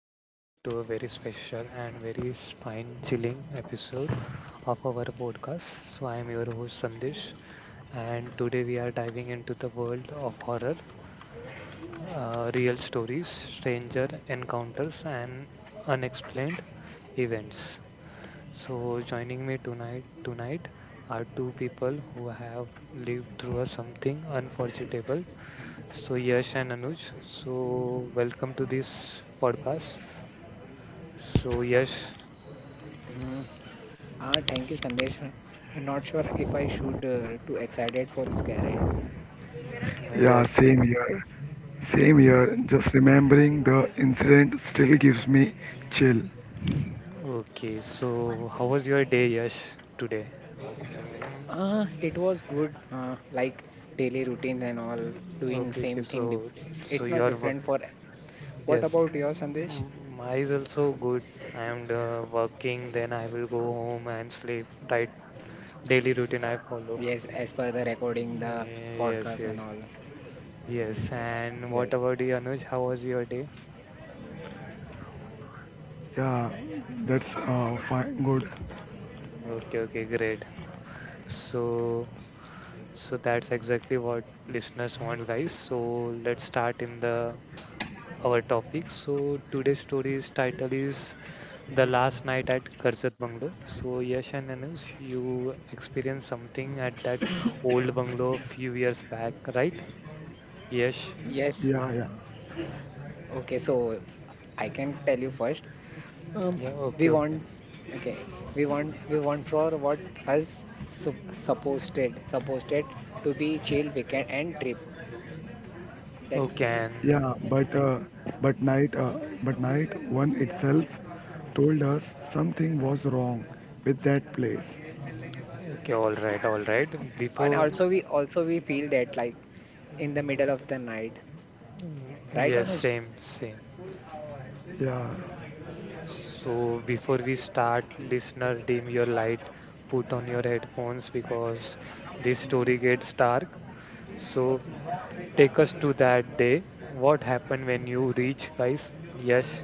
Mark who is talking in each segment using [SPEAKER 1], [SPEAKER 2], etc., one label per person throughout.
[SPEAKER 1] everyone to a very special and very spine chilling episode of our podcast. So, I am your host Sandesh, and today we are diving into the world of horror, real stories, stranger encounters, and unexplained events. So, joining me tonight are two people who have lived through a something unforgettable. So, Yash and Anuj. So, welcome to this podcast. So, Yash,
[SPEAKER 2] Hmm. Thank you, Sandesh. I'm not sure if I should too excited for scared.
[SPEAKER 3] Yeah,
[SPEAKER 1] yes.
[SPEAKER 3] same year. Same year. Just remembering the incident still gives me chill.
[SPEAKER 1] Okay, so how was your day, Yash, today? Mm,
[SPEAKER 2] Ah, it was good. Like daily routines and all, doing
[SPEAKER 1] Okay,
[SPEAKER 2] same
[SPEAKER 1] okay,
[SPEAKER 2] thing.
[SPEAKER 1] so so
[SPEAKER 2] It's not
[SPEAKER 1] your work,
[SPEAKER 2] different for. What
[SPEAKER 1] yes.
[SPEAKER 2] about your Sandesh?
[SPEAKER 1] Mm, mine is also good. I am working, then I will go home and sleep. Right, daily routine I follow.
[SPEAKER 2] Yes, as per the recording, the
[SPEAKER 1] Yeah, Yes,
[SPEAKER 2] podcast and
[SPEAKER 1] yes,
[SPEAKER 2] all.
[SPEAKER 1] yes. And what
[SPEAKER 2] Yes,
[SPEAKER 1] about you, Anuj? How was your day?
[SPEAKER 3] Yeah, that's fine. Good.
[SPEAKER 1] Okay, okay, great. So, so that's exactly what listeners want, guys. So let's start in the our topic. So today's story's title is The Last Night at Karzat Bungalow. So Yash and Anush, you experienced something at that old bungalow a few years back, right? Yes.
[SPEAKER 2] yes.
[SPEAKER 3] Yeah, yeah,
[SPEAKER 2] Okay, so I can tell you first. Um,
[SPEAKER 1] Yeah,
[SPEAKER 2] we
[SPEAKER 1] okay, okay.
[SPEAKER 2] want okay. We want for what us supposed to be chill weekend and trip. That
[SPEAKER 1] Okay, and
[SPEAKER 3] yeah. But night, uh, but night one itself told us something was wrong with that place.
[SPEAKER 1] okay, all right, all right.
[SPEAKER 2] and
[SPEAKER 1] Before,
[SPEAKER 2] also we feel that like in the middle of the night,
[SPEAKER 1] mm,
[SPEAKER 2] right,
[SPEAKER 1] yes,
[SPEAKER 2] Anuj?
[SPEAKER 1] same, same.
[SPEAKER 3] Yeah.
[SPEAKER 1] So before we start, listener, dim your light, put on your headphones because this story gets dark. So take us to that day. What happened when you reach, guys? Yes.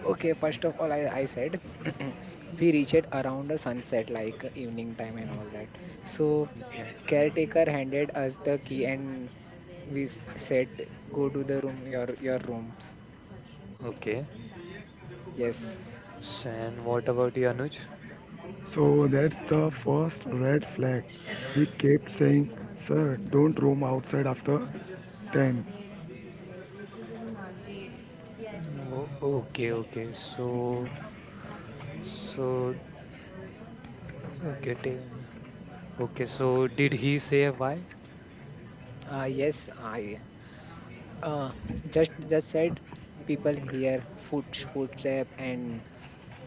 [SPEAKER 2] Okay, first of all, I said we reached around the sunset, like evening time and all that. So
[SPEAKER 1] Okay.
[SPEAKER 2] caretaker handed us the key and we said go to the room your rooms.
[SPEAKER 1] Okay.
[SPEAKER 2] Yes.
[SPEAKER 1] So, and what about you, Anuj?
[SPEAKER 3] So that's the first red flag. He kept saying, "Sir, don't roam outside after 10."
[SPEAKER 1] Okay. Okay. So, so, okay. Take, okay. So, did he say why?
[SPEAKER 2] Yes, I. Uh, just said people hear footstep and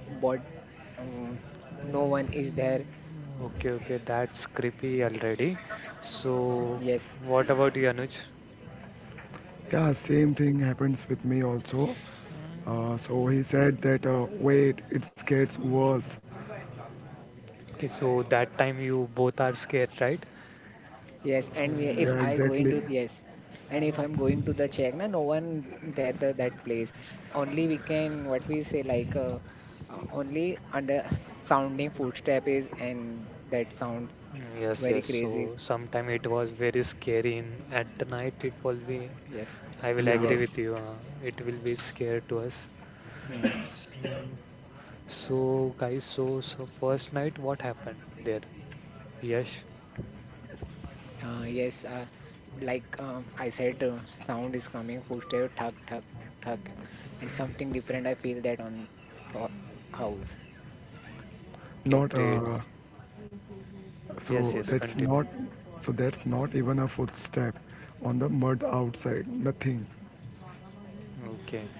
[SPEAKER 2] but um, no one is there.
[SPEAKER 1] Okay. Okay. That's creepy already. So,
[SPEAKER 2] Yes,
[SPEAKER 1] what about you, Anuj?
[SPEAKER 3] Yeah, same thing happens with me also. So
[SPEAKER 1] Mm,
[SPEAKER 3] he said that wait, it gets worse.
[SPEAKER 1] Okay. So, that time you both are scared, right?
[SPEAKER 2] yes. And we,
[SPEAKER 3] Yeah,
[SPEAKER 2] if
[SPEAKER 1] Yeah.
[SPEAKER 2] I go
[SPEAKER 3] exactly.
[SPEAKER 2] into yes, and if I'm going to the check, na, no one there the, that place. Only we can what we say only under sounding footstep is and that sounds
[SPEAKER 1] Mm, yes,
[SPEAKER 2] very
[SPEAKER 1] yes.
[SPEAKER 2] crazy.
[SPEAKER 1] So sometime it was very scary in at the night. It will be.
[SPEAKER 2] Yes,
[SPEAKER 1] I will
[SPEAKER 3] Yeah,
[SPEAKER 1] agree with
[SPEAKER 2] yes.
[SPEAKER 1] you. It will be scary to us.
[SPEAKER 2] Hmm.
[SPEAKER 1] So, so guys. So, so first night, what happened there? Yes.
[SPEAKER 2] Uh, yes, uh, like I said, sound is coming, footstep, thug, thug, thug, and something different. I feel that on ho house.
[SPEAKER 1] Okay,
[SPEAKER 3] not
[SPEAKER 1] great. Yes,
[SPEAKER 3] so
[SPEAKER 1] yes.
[SPEAKER 3] that's
[SPEAKER 1] Continue.
[SPEAKER 3] not so that's not even a footstep on the mud outside. Nothing.
[SPEAKER 1] Okay.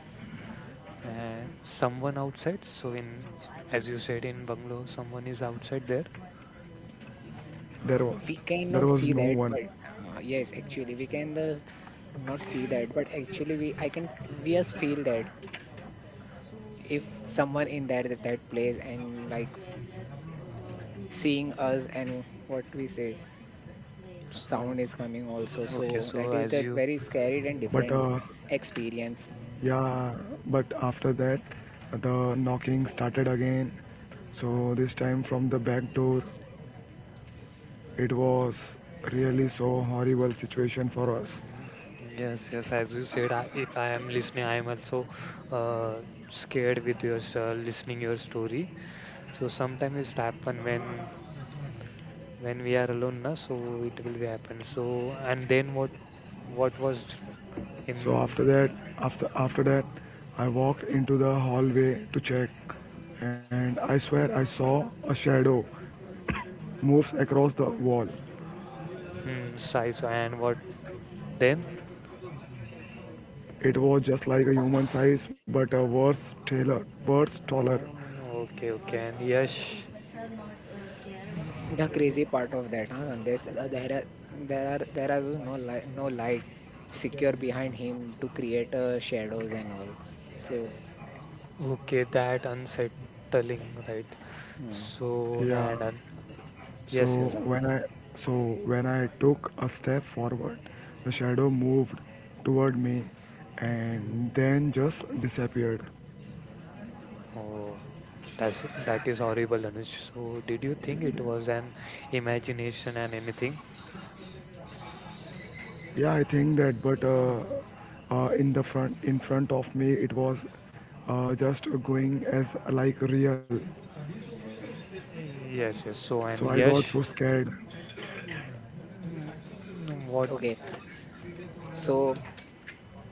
[SPEAKER 1] And someone outside. So in as you said in bungalow, someone is outside there.
[SPEAKER 2] Uh,
[SPEAKER 3] There was
[SPEAKER 2] we
[SPEAKER 3] there
[SPEAKER 2] cannot
[SPEAKER 3] was
[SPEAKER 2] see
[SPEAKER 3] no
[SPEAKER 2] that,
[SPEAKER 3] one.
[SPEAKER 2] but yes, actually, we
[SPEAKER 1] Okay.
[SPEAKER 2] can the not see that, but actually, we I can we just feel that if someone in that that place and like seeing us and what we say,
[SPEAKER 1] So.
[SPEAKER 2] sound is coming also.
[SPEAKER 1] Okay,
[SPEAKER 2] So
[SPEAKER 1] so
[SPEAKER 2] that is
[SPEAKER 1] as
[SPEAKER 2] that
[SPEAKER 1] you
[SPEAKER 2] very
[SPEAKER 3] But
[SPEAKER 2] scary
[SPEAKER 3] uh,
[SPEAKER 2] and different experience.
[SPEAKER 3] yeah, but after that, the knocking started again. So this time from the back door, it was really so horrible situation for us.
[SPEAKER 1] Mm, yes, yes, as you said, I, if I am listening, I am also uh, scared with your listening your story. So sometimes it happen when we are alone, na, so it will be happen. So and then what was
[SPEAKER 3] So
[SPEAKER 1] in
[SPEAKER 3] after that, after after that, I walked into the hallway to check, and I swear I saw a shadow moves across the wall.
[SPEAKER 1] hmm, Sai, so and what then?
[SPEAKER 3] It was just like a human size, but a worse taller.
[SPEAKER 1] Oh, okay, okay, and Yash,
[SPEAKER 2] The crazy part of that huh? And there's there are there are there are those no light secure behind him to create shadows and all so
[SPEAKER 1] okay, that unsettling, right?
[SPEAKER 2] hmm,
[SPEAKER 1] So
[SPEAKER 3] Yeah.
[SPEAKER 1] and yes,
[SPEAKER 3] So
[SPEAKER 1] yes, Anand.
[SPEAKER 3] so when I took a step forward, the shadow moved toward me, and then just disappeared.
[SPEAKER 1] Oh. That's that is horrible, Anuj. So, did you think it was an imagination and anything?
[SPEAKER 3] Yeah, I think that, but in front of me, it was just going as like real.
[SPEAKER 1] Yes, yes.
[SPEAKER 3] So
[SPEAKER 1] So,
[SPEAKER 3] I
[SPEAKER 1] and
[SPEAKER 3] got so
[SPEAKER 1] Yash,
[SPEAKER 3] scared.
[SPEAKER 1] mm, mm, what?
[SPEAKER 2] okay. S- so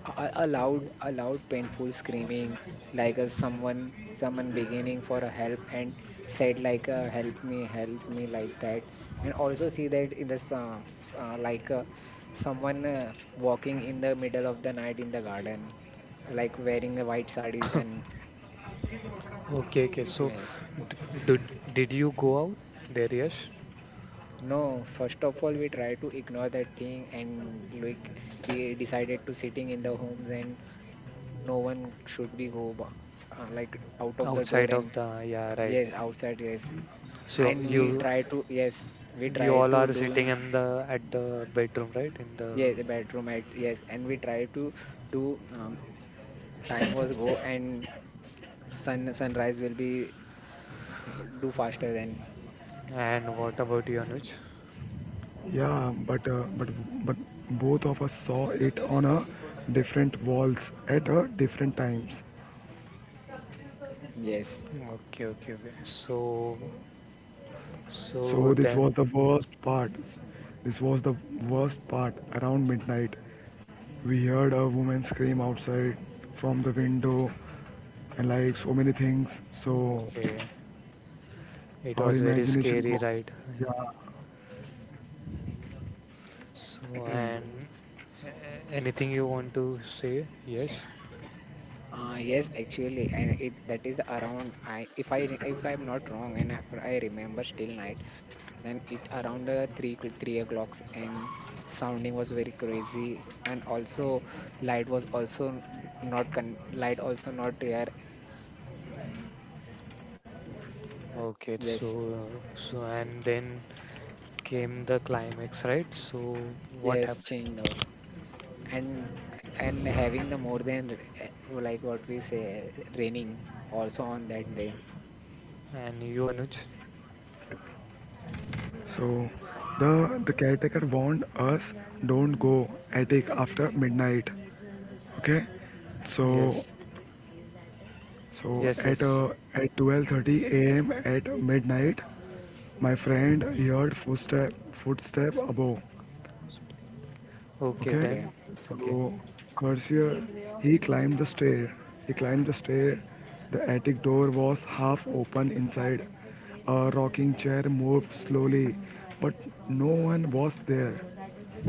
[SPEAKER 2] a loud painful screaming like a someone beginning for a help and said help me like that and also see that in this someone walking in the middle of the night in the garden like wearing a white sarees and
[SPEAKER 1] Okay, okay. So,
[SPEAKER 2] yes.
[SPEAKER 1] did did you go out there? Yash,
[SPEAKER 2] No, first of all, we try to ignore that thing and like we decided to sitting in the homes and no one should be like out of the door
[SPEAKER 1] outside
[SPEAKER 2] and
[SPEAKER 1] of the yeah, right.
[SPEAKER 2] yes, outside, yes.
[SPEAKER 1] So
[SPEAKER 2] And we
[SPEAKER 1] you
[SPEAKER 2] try to, yes, we
[SPEAKER 1] you
[SPEAKER 2] try
[SPEAKER 1] all
[SPEAKER 2] to
[SPEAKER 1] are sitting
[SPEAKER 2] doing,
[SPEAKER 1] in the at the bedroom, right? In
[SPEAKER 2] yes, the
[SPEAKER 1] the
[SPEAKER 2] bedroom at, yes, and we try to do, time was go and sunrise will be do faster than,
[SPEAKER 1] and what about you, Anuj?
[SPEAKER 3] Yeah, but both of us saw it on a different walls at a different times.
[SPEAKER 2] yes.
[SPEAKER 1] Okay, okay. Okay. So so
[SPEAKER 3] So this was
[SPEAKER 1] then,
[SPEAKER 3] the worst part. This was the Around midnight, we heard a woman scream outside from the window, and like so many things. So
[SPEAKER 1] okay. It
[SPEAKER 3] our
[SPEAKER 1] was very
[SPEAKER 3] imagination
[SPEAKER 1] scary,
[SPEAKER 3] goes.
[SPEAKER 1] right?
[SPEAKER 3] Yeah.
[SPEAKER 1] So, and a- anything you want to say? Yes.
[SPEAKER 2] Yes, actually, and it that is around I if I'm not wrong and if I remember still night, then it around three o'clocks and sounding was very crazy and also light was also not con light also not there.
[SPEAKER 1] Okay.
[SPEAKER 2] Yes,
[SPEAKER 1] So, so and then came the climax, right? So, what
[SPEAKER 2] yes, change the and and having the more than like what we say raining also on
[SPEAKER 1] happened?
[SPEAKER 2] that day.
[SPEAKER 1] And you, Anuj?
[SPEAKER 3] So the caretaker warned us don't go attic after midnight. Okay. So
[SPEAKER 1] Yes.
[SPEAKER 3] so
[SPEAKER 1] Yes.
[SPEAKER 3] at
[SPEAKER 1] Yes.
[SPEAKER 3] uh, at 12:30 a.m. at midnight, my friend heard footstep above.
[SPEAKER 1] Okay.
[SPEAKER 3] Okay,
[SPEAKER 2] Okay,
[SPEAKER 1] Then. Okay.
[SPEAKER 3] so Cursier, he climbed the stair. He climbed the stair. The attic door was half open inside. A rocking chair moved slowly, but no one was there.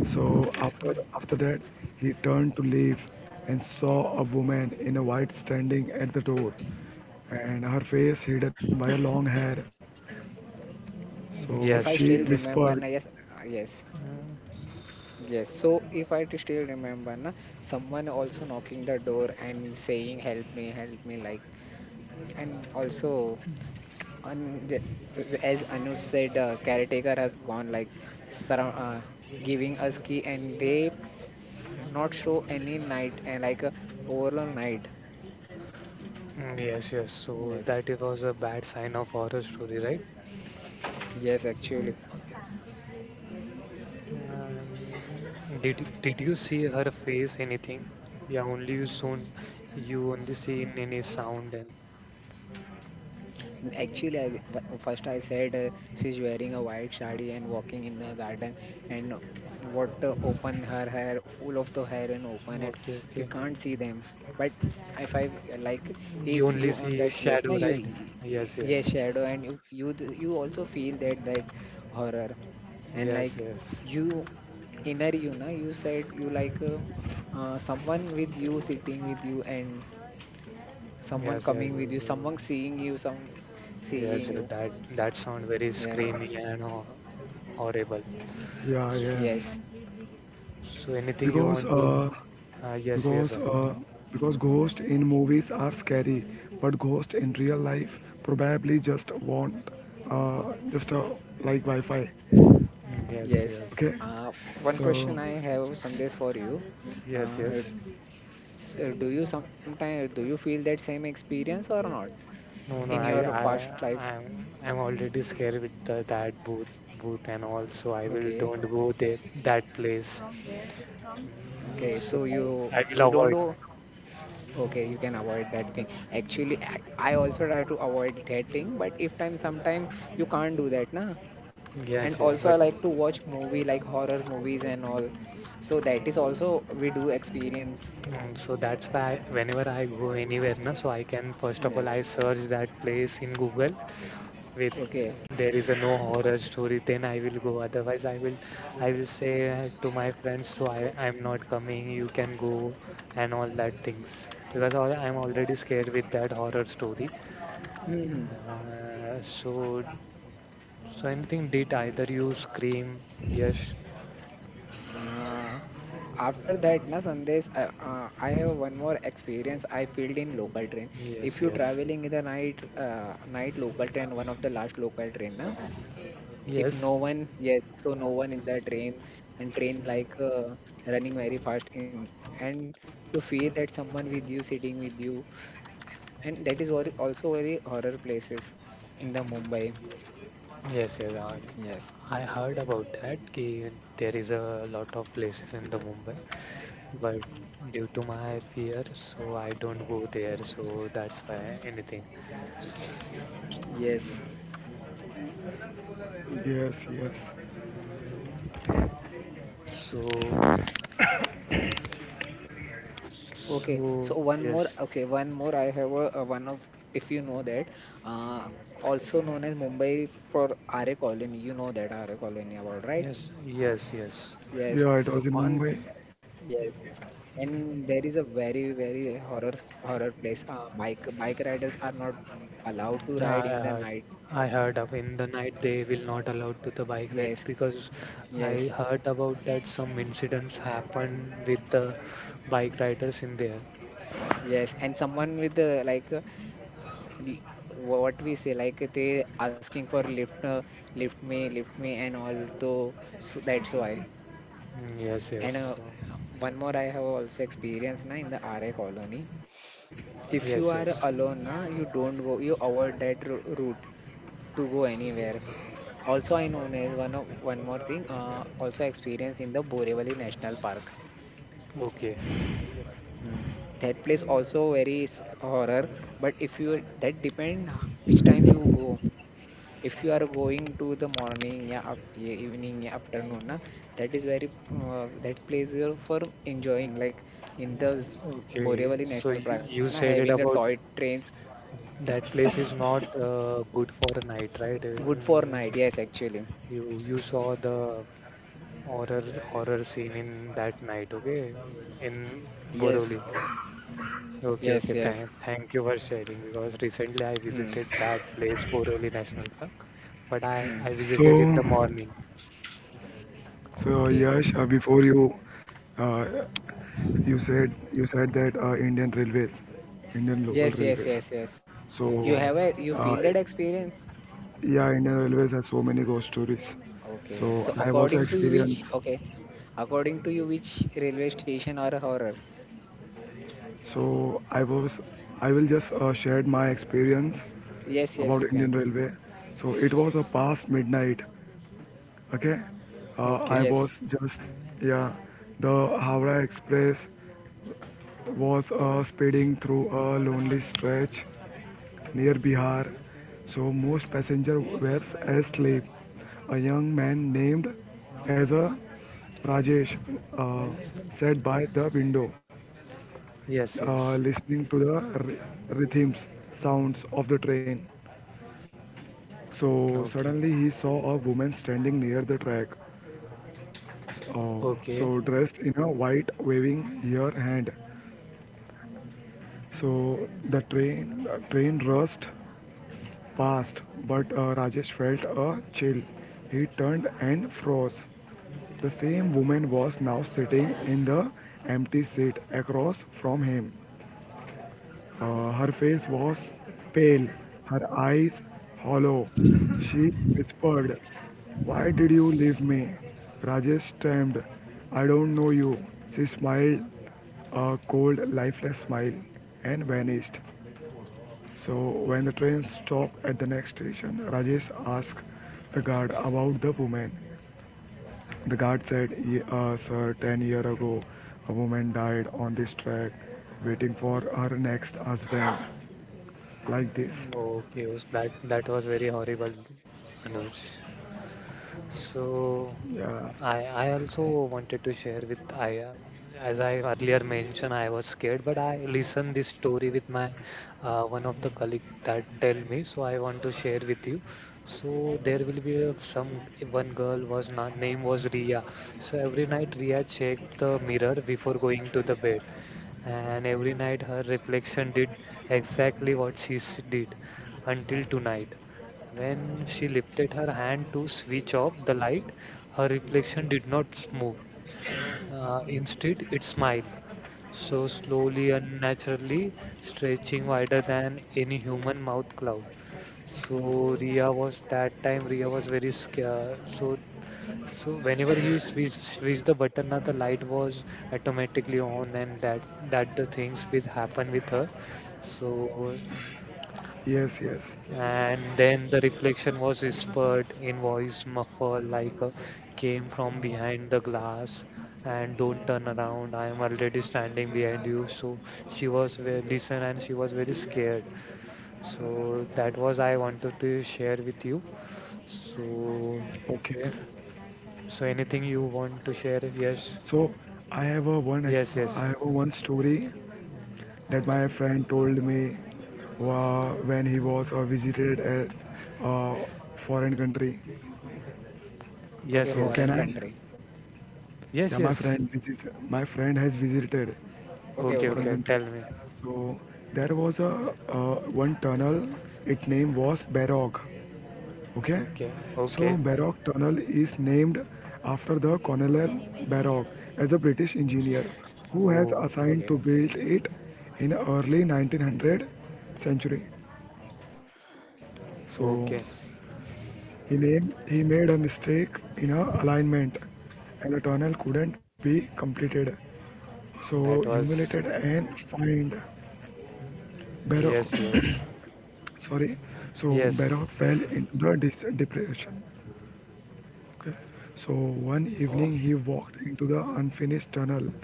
[SPEAKER 3] So after that, he turned to leave and saw a woman in a white standing at the door, and her face hidden by a long hair. So
[SPEAKER 1] Mm,
[SPEAKER 2] if I
[SPEAKER 3] she
[SPEAKER 1] yes.
[SPEAKER 2] still
[SPEAKER 3] whispered,
[SPEAKER 2] remember, na yes, yes.
[SPEAKER 1] Mm,
[SPEAKER 2] Yes, so if I still remember, na, someone also knocking the door and saying, help me, help me, like, and also, un, the- as Anush said, caretaker has gone, like, surround, giving us key, and they not show any night, and overall night.
[SPEAKER 1] mm, yes. Yes. So
[SPEAKER 2] Yes,
[SPEAKER 1] that it was a bad sign of horror story, right?
[SPEAKER 2] yes, actually.
[SPEAKER 1] Um, did you see her face anything? Yeah, only you soon you only seen any sound and
[SPEAKER 2] Actually, I first I said she's wearing a white sari and walking in the garden and what open her hair, full of the hair and open it.
[SPEAKER 1] okay,
[SPEAKER 2] We
[SPEAKER 1] okay.
[SPEAKER 2] can't see them. But if I like,
[SPEAKER 1] You
[SPEAKER 2] if
[SPEAKER 1] only
[SPEAKER 2] you on
[SPEAKER 1] see
[SPEAKER 2] that place, now
[SPEAKER 1] shadow,
[SPEAKER 2] you,
[SPEAKER 1] right? Yes,
[SPEAKER 2] yes,
[SPEAKER 1] yes,
[SPEAKER 2] shadow, and you, you also feel that that horror and
[SPEAKER 1] yes,
[SPEAKER 2] like
[SPEAKER 1] yes,
[SPEAKER 2] you inner you, na, you said you someone with you sitting with you and someone
[SPEAKER 1] yes, yes,
[SPEAKER 2] coming with
[SPEAKER 1] yes.
[SPEAKER 2] you,
[SPEAKER 1] So,
[SPEAKER 2] someone seeing you, some
[SPEAKER 1] yes,
[SPEAKER 2] seeing
[SPEAKER 1] yes,
[SPEAKER 2] you
[SPEAKER 1] that that sound very
[SPEAKER 2] yeah,
[SPEAKER 1] screamy and ho- horrible.
[SPEAKER 3] "Yeah, yes,"
[SPEAKER 2] yes,
[SPEAKER 1] So, anything you
[SPEAKER 3] because
[SPEAKER 1] want to?
[SPEAKER 3] uh,
[SPEAKER 1] Yes, yes,
[SPEAKER 3] because
[SPEAKER 1] Anuj.
[SPEAKER 3] uh, because ghosts in movies are scary, but ghosts in real life probably just want uh, just like Wi-Fi.
[SPEAKER 1] Mm, yes,
[SPEAKER 2] yes.
[SPEAKER 1] yes,
[SPEAKER 3] Okay,
[SPEAKER 2] Uh, One question
[SPEAKER 3] so
[SPEAKER 2] I have, Sandesh, for you.
[SPEAKER 1] yes,
[SPEAKER 2] Uh,
[SPEAKER 1] yes.
[SPEAKER 2] do you sometimes do you feel that same experience or not in
[SPEAKER 1] No, no,
[SPEAKER 2] your
[SPEAKER 1] I,
[SPEAKER 2] past life?
[SPEAKER 1] I'm, I'm already scared with the, that booth, booth and all. So I will
[SPEAKER 2] Okay,
[SPEAKER 1] don't go there, that place. Mm,
[SPEAKER 2] okay.
[SPEAKER 1] so
[SPEAKER 2] So you
[SPEAKER 1] I will
[SPEAKER 2] you don't
[SPEAKER 1] avoid.
[SPEAKER 2] do. Okay, you can avoid that thing. Actually, I also try to avoid that thing, but if time sometime you can't do that, na. And
[SPEAKER 1] Yes, yes,
[SPEAKER 2] also, I
[SPEAKER 1] but.
[SPEAKER 2] like to watch movie like horror movies and all. So that is also we do experience.
[SPEAKER 1] Mm, so that's why whenever I go anywhere, na, so I can first of all I
[SPEAKER 2] Yes.
[SPEAKER 1] search that place in Google with
[SPEAKER 2] Okay.
[SPEAKER 1] there is a no horror story, then I will go. Otherwise, I will say to my friends, so I I'm not coming. You can go and all that things because al- I'm already scared with that horror story. So so anything did either you scream? Yes,
[SPEAKER 2] Uh, After that, na Sandesh, I have one more experience. I filled in local train. If
[SPEAKER 1] yes,
[SPEAKER 2] you
[SPEAKER 1] yes,
[SPEAKER 2] traveling in the night, night local train, one of the last local train, na. If
[SPEAKER 1] yes.
[SPEAKER 2] no one, yes, so no one in the train and train running very fast in and you feel that someone with you sitting with you and that is very, also very horror places in the Mumbai.
[SPEAKER 1] Yes, yes.
[SPEAKER 2] Yes,
[SPEAKER 1] I heard about that. Ki there is a lot of places in the Mumbai, but due to my fear, so I don't go there. So that's why anything.
[SPEAKER 2] yes.
[SPEAKER 3] yes, yes,
[SPEAKER 1] Mm, so,
[SPEAKER 2] Okay,
[SPEAKER 1] so
[SPEAKER 2] so one
[SPEAKER 1] yes,
[SPEAKER 2] more, okay, one more. I have a one of, if you know that, uh, also known as Mumbai for RA Colony. You know that RA Colony about, right?
[SPEAKER 1] yes, yes, yes.
[SPEAKER 2] Yes.
[SPEAKER 3] yeah, it was in
[SPEAKER 2] On,
[SPEAKER 3] Mumbai.
[SPEAKER 2] yes. And there is a very, very horror, horror place. Bike riders are not allowed to
[SPEAKER 1] Yeah,
[SPEAKER 2] ride in the night.
[SPEAKER 1] I heard up in the night they will not allow to the bike
[SPEAKER 2] Yes,
[SPEAKER 1] ride because
[SPEAKER 2] yes,
[SPEAKER 1] I heard about that some incidents happen with the bike riders in there.
[SPEAKER 2] yes. And someone with the l- what we say, like they asking for lift, lift me, and all. So, so that's why.
[SPEAKER 1] Mm, yes,
[SPEAKER 2] And
[SPEAKER 1] yes. So
[SPEAKER 2] one more I have also experienced na in the RA colony. If you
[SPEAKER 1] yes,
[SPEAKER 2] are
[SPEAKER 1] yes.
[SPEAKER 2] alone na, you don't go, you avoid that route to go anywhere. Also, I know as one of one more thing. Also experience in the Borivali National Park.
[SPEAKER 1] Okay.
[SPEAKER 2] Mm. That place also very horror. But if you that depend which time you go. If you are going to the morning yeah, up, yeah evening yeah, afternoon na, that is very that place here for enjoying like in the
[SPEAKER 1] Okay.
[SPEAKER 2] borevali
[SPEAKER 1] So
[SPEAKER 2] national
[SPEAKER 1] you,
[SPEAKER 2] park na,
[SPEAKER 1] you
[SPEAKER 2] having
[SPEAKER 1] said
[SPEAKER 2] the
[SPEAKER 1] it
[SPEAKER 2] toy
[SPEAKER 1] about
[SPEAKER 2] trains
[SPEAKER 1] that place is not good for a night, right?
[SPEAKER 2] good for night yes actually
[SPEAKER 1] You you saw the horror horror scene in that night, okay? In
[SPEAKER 2] yes
[SPEAKER 1] Boroli. Okay,
[SPEAKER 2] yes
[SPEAKER 1] okay.
[SPEAKER 2] yes
[SPEAKER 1] Thank thank you for sharing because recently I
[SPEAKER 2] hmm
[SPEAKER 1] visited that place, Boroli National Park, but
[SPEAKER 2] hmm
[SPEAKER 1] I visited in
[SPEAKER 3] So
[SPEAKER 1] the morning.
[SPEAKER 3] so,
[SPEAKER 2] okay
[SPEAKER 3] Yash, before you uh, you said that Indian Railways, Indian local
[SPEAKER 2] yes yes
[SPEAKER 3] railways.
[SPEAKER 2] yes yes
[SPEAKER 1] Mm,
[SPEAKER 3] So
[SPEAKER 2] you
[SPEAKER 1] yes.
[SPEAKER 2] have a you
[SPEAKER 3] uh,
[SPEAKER 2] feel that experience
[SPEAKER 3] yeah, Indian Railways has so many ghost stories.
[SPEAKER 2] okay
[SPEAKER 3] So
[SPEAKER 2] so
[SPEAKER 3] I have also
[SPEAKER 2] according to you which
[SPEAKER 3] experienced.
[SPEAKER 2] okay according to you which railway station or horror
[SPEAKER 3] So I was, I will just share my experience
[SPEAKER 2] yes yes
[SPEAKER 3] about
[SPEAKER 2] you
[SPEAKER 3] Indian
[SPEAKER 2] can
[SPEAKER 3] Railway. So it was a past midnight. Okay, I
[SPEAKER 1] Okay.
[SPEAKER 3] was
[SPEAKER 2] yes
[SPEAKER 3] just yeah, the Howrah Express was speeding through a lonely stretch near Bihar. So most passengers were asleep. A young man named as a Rajesh uh, sat by the window
[SPEAKER 1] Yes, yes.
[SPEAKER 3] listening to the rhythms, sounds of the train. So
[SPEAKER 1] Okay.
[SPEAKER 3] suddenly he saw a woman standing near the track, Uh,
[SPEAKER 1] Okay.
[SPEAKER 3] dressed in a white, waving her hand. So the train rushed past, but Rajesh felt a chill. He turned and froze. The same woman was now sitting in the empty seat across from him. Her face was pale, her eyes hollow. She whispered, "Why did you leave me?" Rajesh stamped, "I don't know you." She smiled a cold, lifeless smile and vanished. So, when the train stopped at the next station, Rajesh asked the guard about the woman. The guard said, Sir, 10 years ago, a woman died on this track waiting for her next husband like this."
[SPEAKER 1] Okay, Us, that that was very horrible, Anuj. So
[SPEAKER 3] Yeah.
[SPEAKER 1] I also wanted to share with I as I earlier mentioned I was scared but I listened this story with my one of the colleague that tell me so I want to share with you. So there will be a, some one girl was na name was Ria. So every night Ria checked the mirror before going to the bed and every night her reflection did exactly what she s- did until tonight when she lifted her hand to switch off the light, her reflection did not move. Instead, it smiled, so slowly and naturally, stretching wider than any human mouth cloud. So Ria was that time Ria was very scared. So so whenever he switched, switched the button, now the light was automatically on, and that that the things will happen with her. So
[SPEAKER 3] Yes. Yes.
[SPEAKER 1] and then the reflection was whispered in voice muffled like a came from behind the glass. And don't turn around. I am already standing behind you. So she was very listen and she was very scared. So that was I wanted to share with you. So
[SPEAKER 3] Okay.
[SPEAKER 1] so anything you want to share? Yes.
[SPEAKER 3] So
[SPEAKER 1] Yes,
[SPEAKER 3] I
[SPEAKER 1] yes.
[SPEAKER 3] have a one story that my friend told me when he was visited at a foreign country.
[SPEAKER 1] Yes,
[SPEAKER 2] okay
[SPEAKER 3] So can
[SPEAKER 1] yes.
[SPEAKER 2] foreign
[SPEAKER 3] I?
[SPEAKER 2] country.
[SPEAKER 1] Yes,
[SPEAKER 3] Yeah,
[SPEAKER 1] yes.
[SPEAKER 3] My friend has visited in
[SPEAKER 2] Okay,
[SPEAKER 1] Okay,
[SPEAKER 3] foreign
[SPEAKER 2] okay,
[SPEAKER 1] okay.
[SPEAKER 3] country.
[SPEAKER 1] Tell me.
[SPEAKER 3] So there was a uh, one tunnel. Its name was Berog. Okay,
[SPEAKER 1] Okay,
[SPEAKER 3] so
[SPEAKER 1] okay.
[SPEAKER 3] Barrock Tunnel is named after the Colonel Barrock as a British engineer who has
[SPEAKER 1] Oh,
[SPEAKER 2] okay.
[SPEAKER 3] assigned to build it in early 1900 century. So
[SPEAKER 1] okay.
[SPEAKER 3] he made a mistake in a alignment, and the tunnel couldn't be completed. So
[SPEAKER 1] That
[SPEAKER 3] humiliated
[SPEAKER 1] was
[SPEAKER 3] and fined
[SPEAKER 1] mm,
[SPEAKER 3] Barrock
[SPEAKER 1] yes, yes,
[SPEAKER 3] sorry, so
[SPEAKER 1] yes.
[SPEAKER 3] Barak fell into the depression. Okay. So one evening he walked into the unfinished tunnel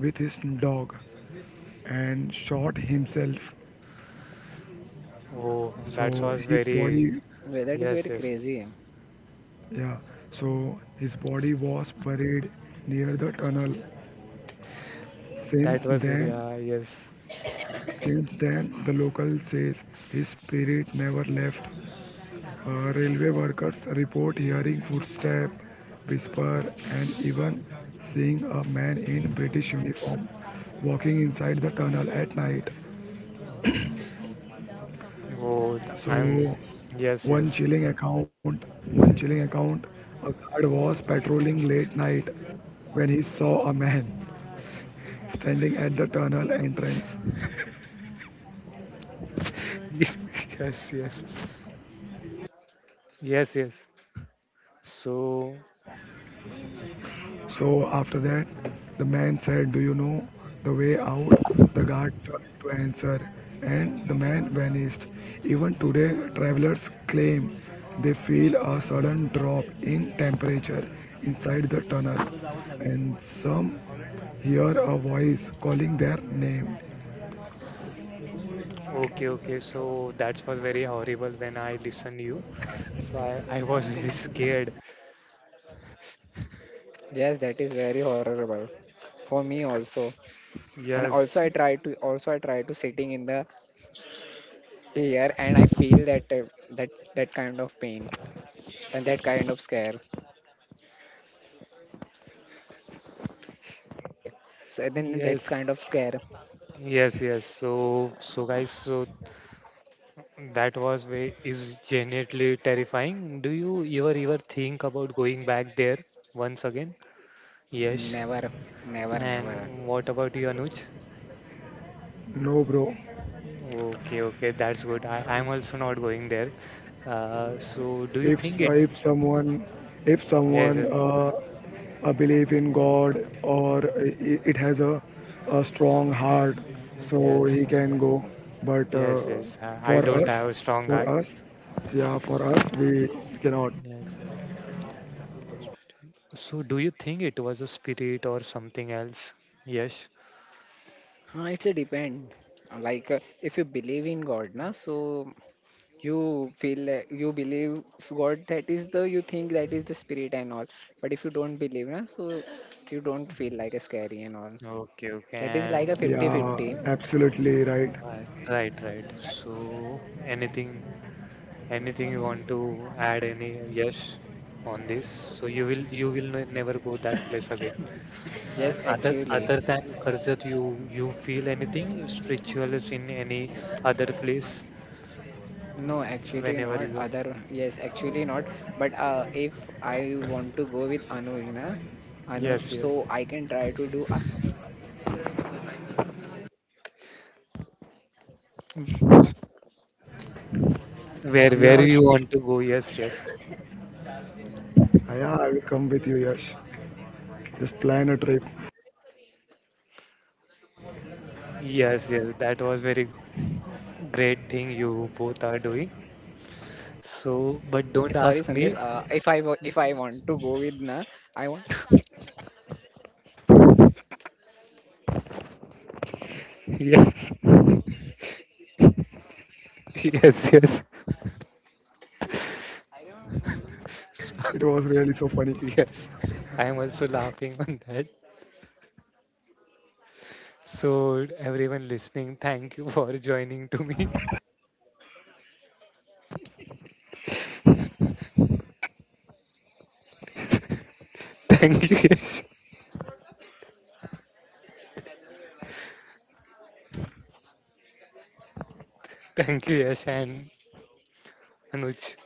[SPEAKER 3] with his dog and shot himself.
[SPEAKER 1] Oh, that
[SPEAKER 3] So
[SPEAKER 1] was very
[SPEAKER 2] Yeah, that is
[SPEAKER 1] yes,
[SPEAKER 2] very
[SPEAKER 1] yes.
[SPEAKER 2] crazy.
[SPEAKER 3] yeah, his body was buried near the tunnel. Since
[SPEAKER 1] That was very
[SPEAKER 3] then,
[SPEAKER 1] yes.
[SPEAKER 3] since then, the local says his spirit never left. Railway workers report hearing footsteps, whisper, and even seeing a man in British uniform walking inside the tunnel at night.
[SPEAKER 1] Oh, th- I'm
[SPEAKER 3] So,
[SPEAKER 1] yes,
[SPEAKER 3] one
[SPEAKER 1] yes,
[SPEAKER 3] chilling account, one chilling account, a guard was patrolling late night when he saw a man standing at the tunnel entrance.
[SPEAKER 1] yes, yes, yes, yes. So
[SPEAKER 3] So after that, the man said, "Do you know the way out?" The guard tried to answer, and the man vanished. Even today, travelers claim they feel a sudden drop in temperature inside the tunnel, and some hear a voice calling their name.
[SPEAKER 1] okay, okay. So that was very horrible when I listened you. So I was very scared.
[SPEAKER 2] Yes, that is very horrible for me also. And also,
[SPEAKER 1] Yes,
[SPEAKER 2] I try to sitting in the air, and I feel that that that kind of pain and that kind of scare. Okay, so then that
[SPEAKER 1] yes.
[SPEAKER 2] kind of scare,
[SPEAKER 1] Yes, yes. So, so guys, so that was way is genuinely terrifying. Do you ever ever think about going back there once again? Yes.
[SPEAKER 2] never, never, never.
[SPEAKER 1] And what about you, Anuj?
[SPEAKER 3] No, bro,
[SPEAKER 1] Okay, okay, that's good. I, I'm also not going there. So do you
[SPEAKER 3] if
[SPEAKER 1] think it?
[SPEAKER 3] if someone if
[SPEAKER 1] Yes,
[SPEAKER 3] someone
[SPEAKER 1] yes,
[SPEAKER 3] uh, uh, believe in God, or it has a strong heart, so
[SPEAKER 1] yes,
[SPEAKER 3] he can go. But
[SPEAKER 1] yes. Yes. I
[SPEAKER 3] for
[SPEAKER 1] don't
[SPEAKER 3] us,
[SPEAKER 1] have a strong
[SPEAKER 3] for
[SPEAKER 1] heart.
[SPEAKER 3] us, yeah, for us we cannot.
[SPEAKER 1] Yes. So do you think it was a spirit or something else? Yes.
[SPEAKER 2] It's a depend. Like if you believe in God, na, so you feel like you believe god that is the you think that is the spirit and all but if you don't believe na, so you don't feel like a scary and all
[SPEAKER 1] Okay, okay.
[SPEAKER 2] that is like
[SPEAKER 1] And
[SPEAKER 2] a
[SPEAKER 3] Yeah,
[SPEAKER 2] fifty-fifty.
[SPEAKER 3] absolutely right.
[SPEAKER 1] right, right, right. So anything anything you want to add any yes on this? So you will ne- never go that place again. And
[SPEAKER 2] Yes
[SPEAKER 1] other
[SPEAKER 2] actually
[SPEAKER 1] other than Karjat, you feel anything spiritual is in any other place
[SPEAKER 2] no actually
[SPEAKER 1] whenever
[SPEAKER 2] not
[SPEAKER 1] you go?
[SPEAKER 2] other yes actually not but if I want to go with anuj na, anuj
[SPEAKER 1] Yes,
[SPEAKER 2] so
[SPEAKER 1] yes.
[SPEAKER 2] I can try to do
[SPEAKER 1] Where
[SPEAKER 3] Yeah,
[SPEAKER 1] you want to go? Yes, yes.
[SPEAKER 3] I will come with you, Yash. Just plan a trip.
[SPEAKER 1] Yes, yes, that was very great thing you both are doing. So, but
[SPEAKER 2] okay
[SPEAKER 1] don't
[SPEAKER 2] sorry
[SPEAKER 1] ask
[SPEAKER 2] sandesh
[SPEAKER 1] me.
[SPEAKER 2] if I want to go with na I want
[SPEAKER 1] Yes, yes, yes,
[SPEAKER 3] It was really so funny.
[SPEAKER 1] yes. I am also laughing on that. So everyone listening, thank you for joining to me. Thank you, Yash. Thank you, Yash and Anuj.